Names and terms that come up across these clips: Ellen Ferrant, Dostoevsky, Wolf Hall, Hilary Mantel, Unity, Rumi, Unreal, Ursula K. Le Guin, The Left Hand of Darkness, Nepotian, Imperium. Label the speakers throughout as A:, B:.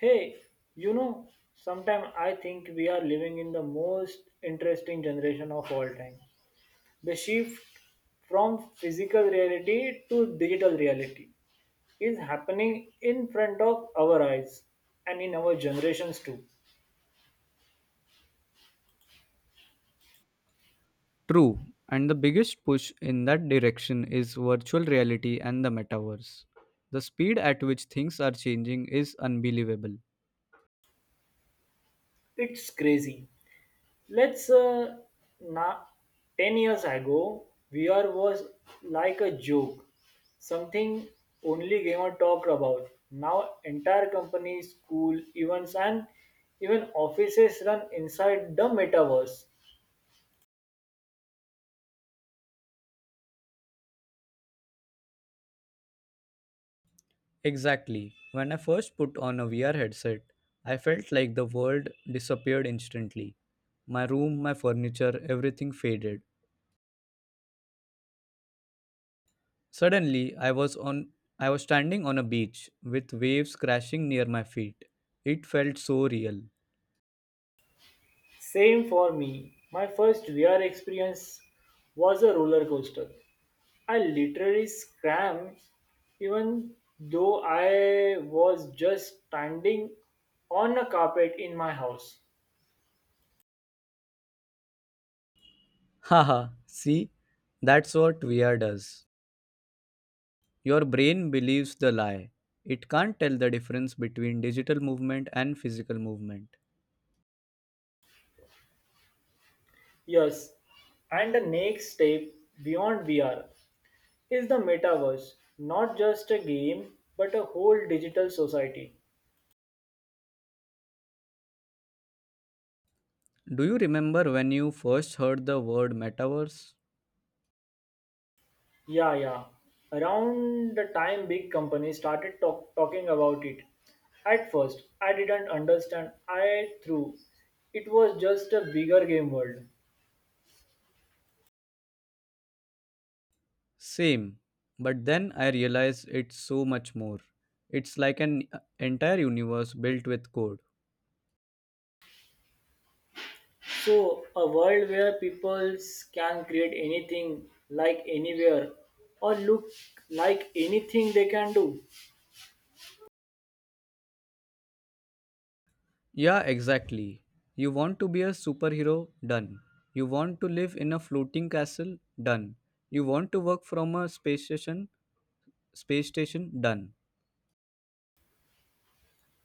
A: Hey, you know, sometimes I think we are living in the most interesting generation of all time. The shift from physical reality to digital reality is happening in front of our eyes and in our generations too.
B: True, and the biggest push in that direction is virtual reality and the metaverse. The speed at which things are changing is unbelievable.
A: It's crazy. Let's Now, 10 years ago, VR was like a joke, something only gamer talked about. Now, entire companies, school, events, and even offices run inside the metaverse.
B: Exactly. When I first put on a VR headset, I felt like the world disappeared instantly. My room, my furniture, everything faded. Suddenly, I was standing on a beach with waves crashing near my feet. It felt so real.
A: Same for me. My first VR experience was a roller coaster. I literally scrammed even though I was just standing on a carpet in my house.
B: Haha, see? That's what VR does. Your brain believes the lie. It can't tell the difference between digital movement and physical movement.
A: Yes, and the next step beyond VR is the metaverse, not just a game but a whole digital society.
B: Do you remember when you first heard the word metaverse?
A: Yeah, yeah. Around the time big companies started talking about it, at first I didn't understand. I through it was just a bigger game world.
B: Same, but then I realized it's so much more. It's like an entire universe built with code.
A: So, a world where people can create anything like anywhere or look like anything they can do.
B: Yeah, exactly. You want to be a superhero? Done. You want to live in a floating castle? Done. You want to work from a space station? Space station? Done.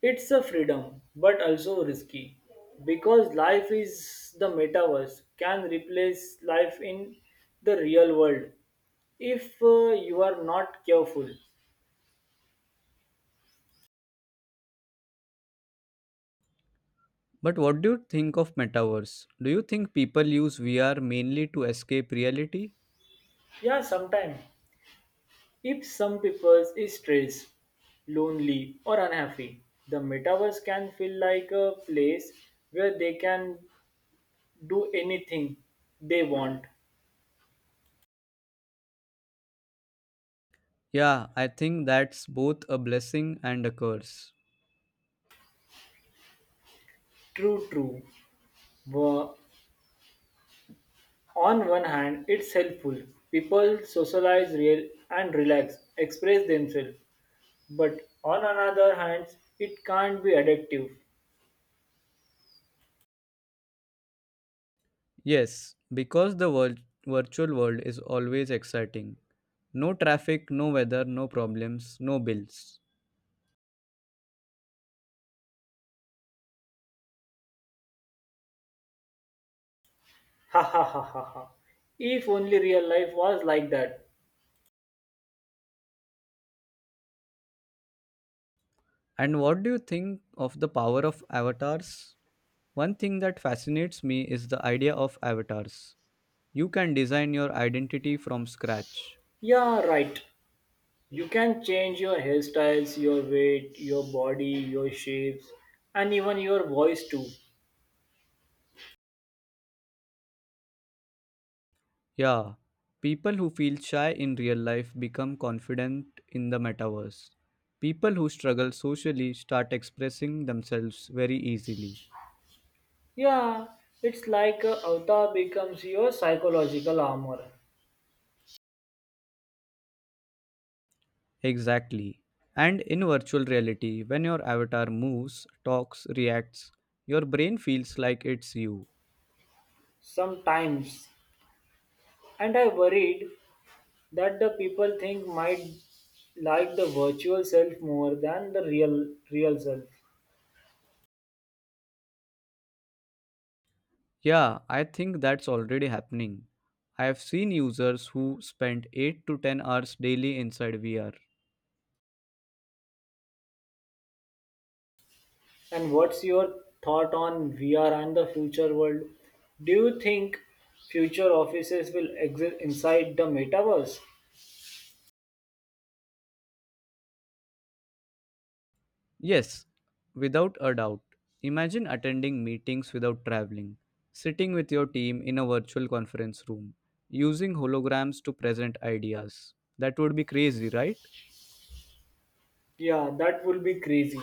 A: It's a freedom, but also risky because life is the metaverse can replace life in the real world if you are not careful.
B: But what do you think of metaverse? Do you think people use VR mainly to escape reality?
A: Yeah, sometimes if some people is stressed, lonely or unhappy, the metaverse can feel like a place where they can do anything they want.
B: Yeah, I think that's both a blessing and a curse.
A: True, true. Wha- On one hand, it's helpful. People socialize real and relax, express themselves. But on another hand, it can't be addictive.
B: Yes, because the virtual world is always exciting. No traffic, no weather, no problems, no bills.
A: Ha ha ha ha ha. If only real life was like that.
B: And what do you think of the power of avatars? One thing that fascinates me is the idea of avatars. You can design your identity from scratch.
A: Yeah, right. You can change your hairstyles, your weight, your body, your shapes, and even your voice too.
B: Yeah, people who feel shy in real life become confident in the metaverse. People who struggle socially start expressing themselves very easily.
A: Yeah, it's like a avatar becomes your psychological armor
B: Exactly. And in virtual reality, when your avatar moves, talks, reacts, your brain feels like it's you.
A: sometimes. And I worried that the people think might like the virtual self more than the real self.
B: Yeah, I think that's already happening. I have seen users who spend 8 to 10 hours daily inside VR.
A: And what's your thought on vr and the future world? Do you think future offices will exist inside the metaverse?
B: Yes, without a doubt. Imagine attending meetings without traveling, sitting with your team in a virtual conference room, using holograms to present ideas. That would be crazy, right?
A: Yeah, that will be crazy,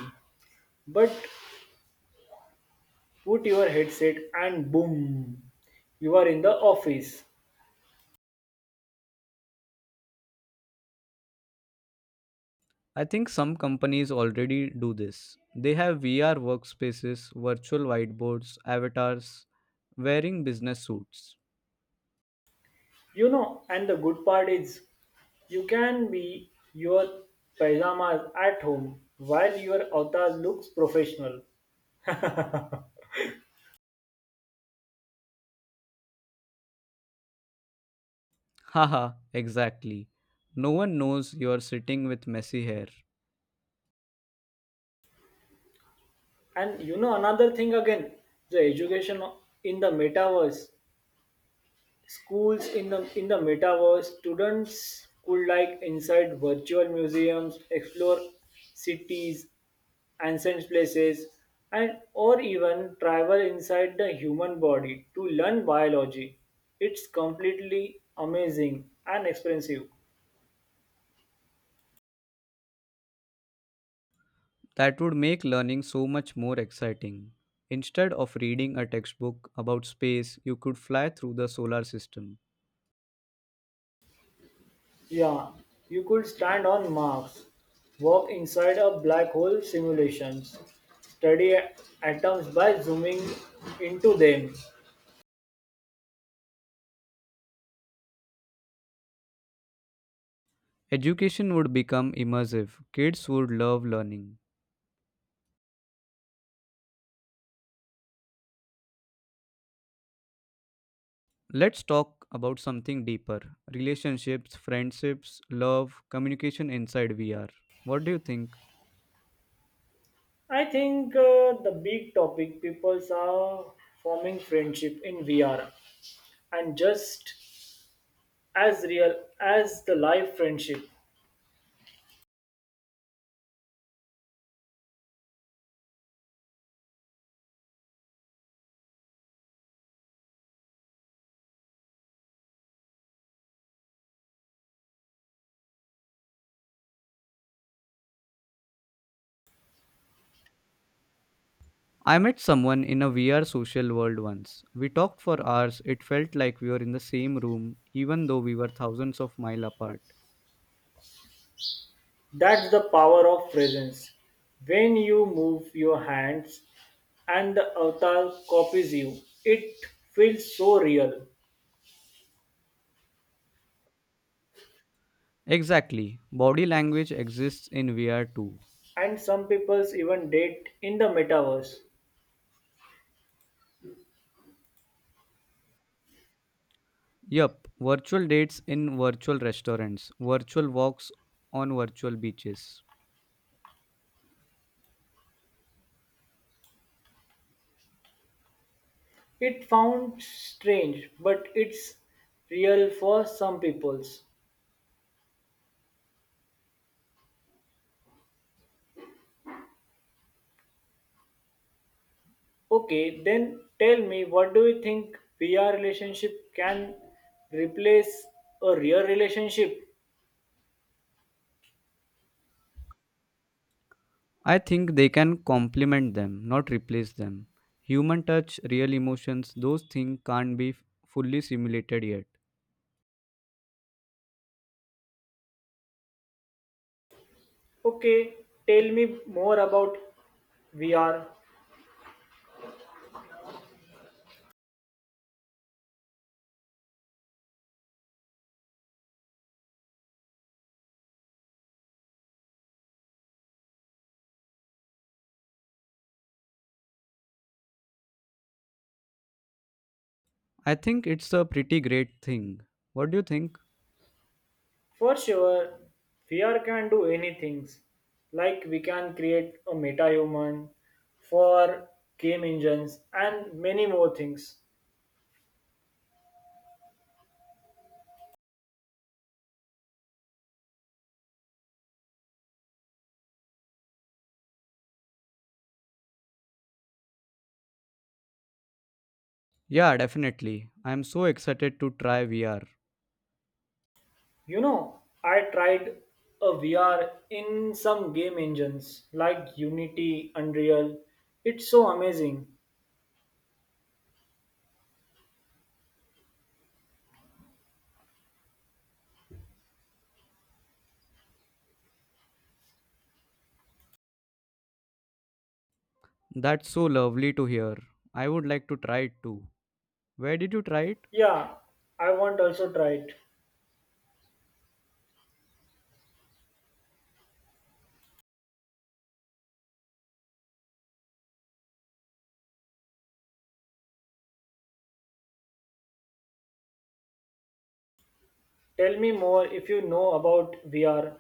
A: but put your headset and boom, you are in the office.
B: I think some companies already do this. They have VR workspaces, virtual whiteboards, avatars, wearing business suits.
A: And the good part is you can be your pajamas at home while your avatar looks professional.
B: Haha, exactly. No one knows you are sitting with messy hair.
A: And you know another thing again, the education in the metaverse, schools in the metaverse, students could like inside virtual museums, explore cities, ancient places, and or even travel inside the human body to learn biology. It's completely amazing and expensive.
B: That would make learning so much more exciting. Instead of reading a textbook about space, you could fly through the solar system.
A: Yeah, you could stand on Mars, walk inside a black hole simulations, study atoms by zooming into them.
B: Education would become immersive. Kids would love learning. Let's talk about something deeper: relationships, friendships, love, communication inside VR. What do you think?
A: I think the big topic people are forming friendship in VR and just as real as the live friendship.
B: I met someone in a VR social world once. We talked for hours. It felt like we were in the same room, even though we were thousands of miles apart.
A: That's the power of presence. When you move your hands and the avatar copies you, it feels so real.
B: Exactly. Body language exists in VR too.
A: And some people even date in the metaverse.
B: Yup, virtual dates in virtual restaurants, virtual walks on virtual beaches.
A: It found strange, but it's real for some peoples. Okay, then tell me what do you think VR relationship can replace a real relationship?
B: I think they can complement them, not replace them. Human touch, real emotions, those things can't be fully simulated yet.
A: Okay, tell me more about VR.
B: I think it's a pretty great thing. What do you think?
A: For sure, VR can do any things. Like we can create a meta human for game engines and many more things.
B: Yeah, definitely. I'm so excited to try VR.
A: You know, I tried a VR in some game engines like Unity, Unreal. It's so amazing.
B: That's so lovely to hear. I would like to try it too. Where did you try it?
A: Yeah, I want also try it. Tell me more if you know about VR.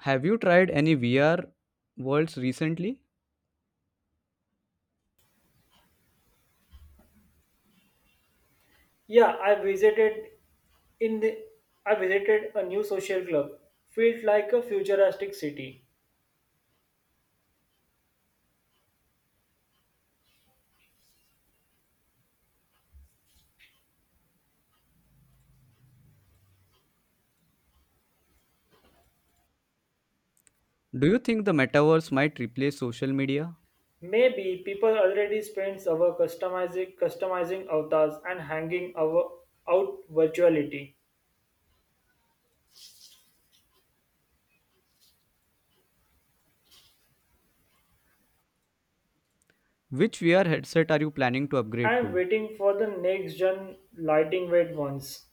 B: Have you tried any VR worlds recently?
A: Yeah, in the I visited a new social club. Feels like a futuristic city.
B: Do you think the metaverse might replace social media?
A: Maybe people already spend our customizing avatars and hanging our out virtuality.
B: Which VR headset are you planning to upgrade
A: I'm
B: to?
A: waiting for the next gen lighting weight ones.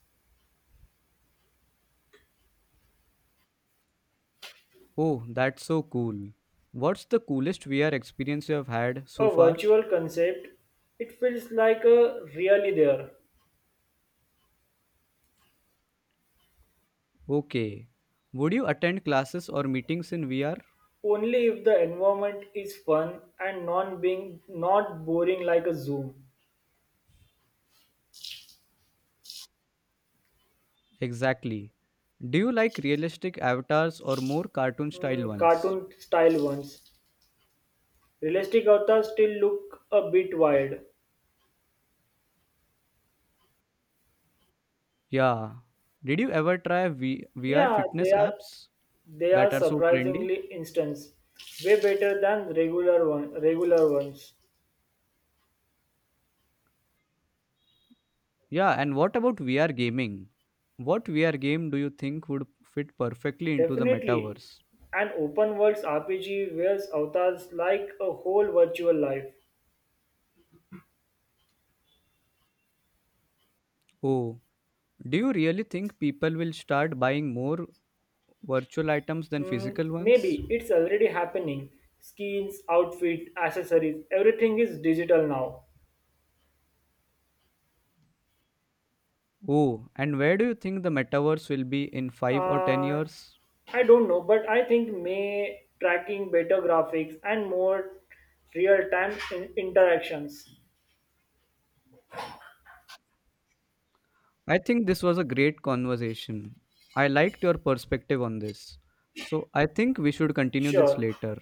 B: Oh, that's so cool. What's the coolest VR experience you have had so
A: A
B: far?
A: virtual concept, it feels like a really there.
B: Okay. Would you attend classes or meetings in VR?
A: Only if the environment is fun and non being not boring like a Zoom.
B: Exactly. Do you like realistic avatars or more cartoon style
A: Mm,
B: ones?
A: cartoon style ones. Realistic avatars still look a bit wild.
B: Yeah. Did you ever try VR
A: Yeah, they
B: fitness
A: are
B: apps
A: they are
B: that are so trendy?
A: surprisingly instance way better than regular ones.
B: Yeah, and what about VR gaming? What VR game do you think would fit perfectly into the
A: Definitely,
B: metaverse?
A: an open world RPG wears avatars like a whole virtual life.
B: Oh, do you really think people will start buying more virtual items than
A: Hmm,
B: physical ones?
A: maybe it's already happening. Skins, outfit, accessories, everything is digital now.
B: Oh, and where do you think the metaverse will be in 5 or 10
A: Uh,
B: years?
A: I don't know, but I think may tracking better graphics and more real-time interactions.
B: I think this was a great conversation. I liked your perspective on this. So I think we should continue this
A: Sure.
B: later.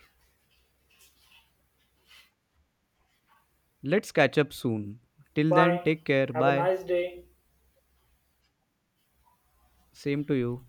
B: Let's catch up soon. Till then,
A: Bye.
B: take care.
A: Have a
B: Bye.
A: nice day.
B: Same to you.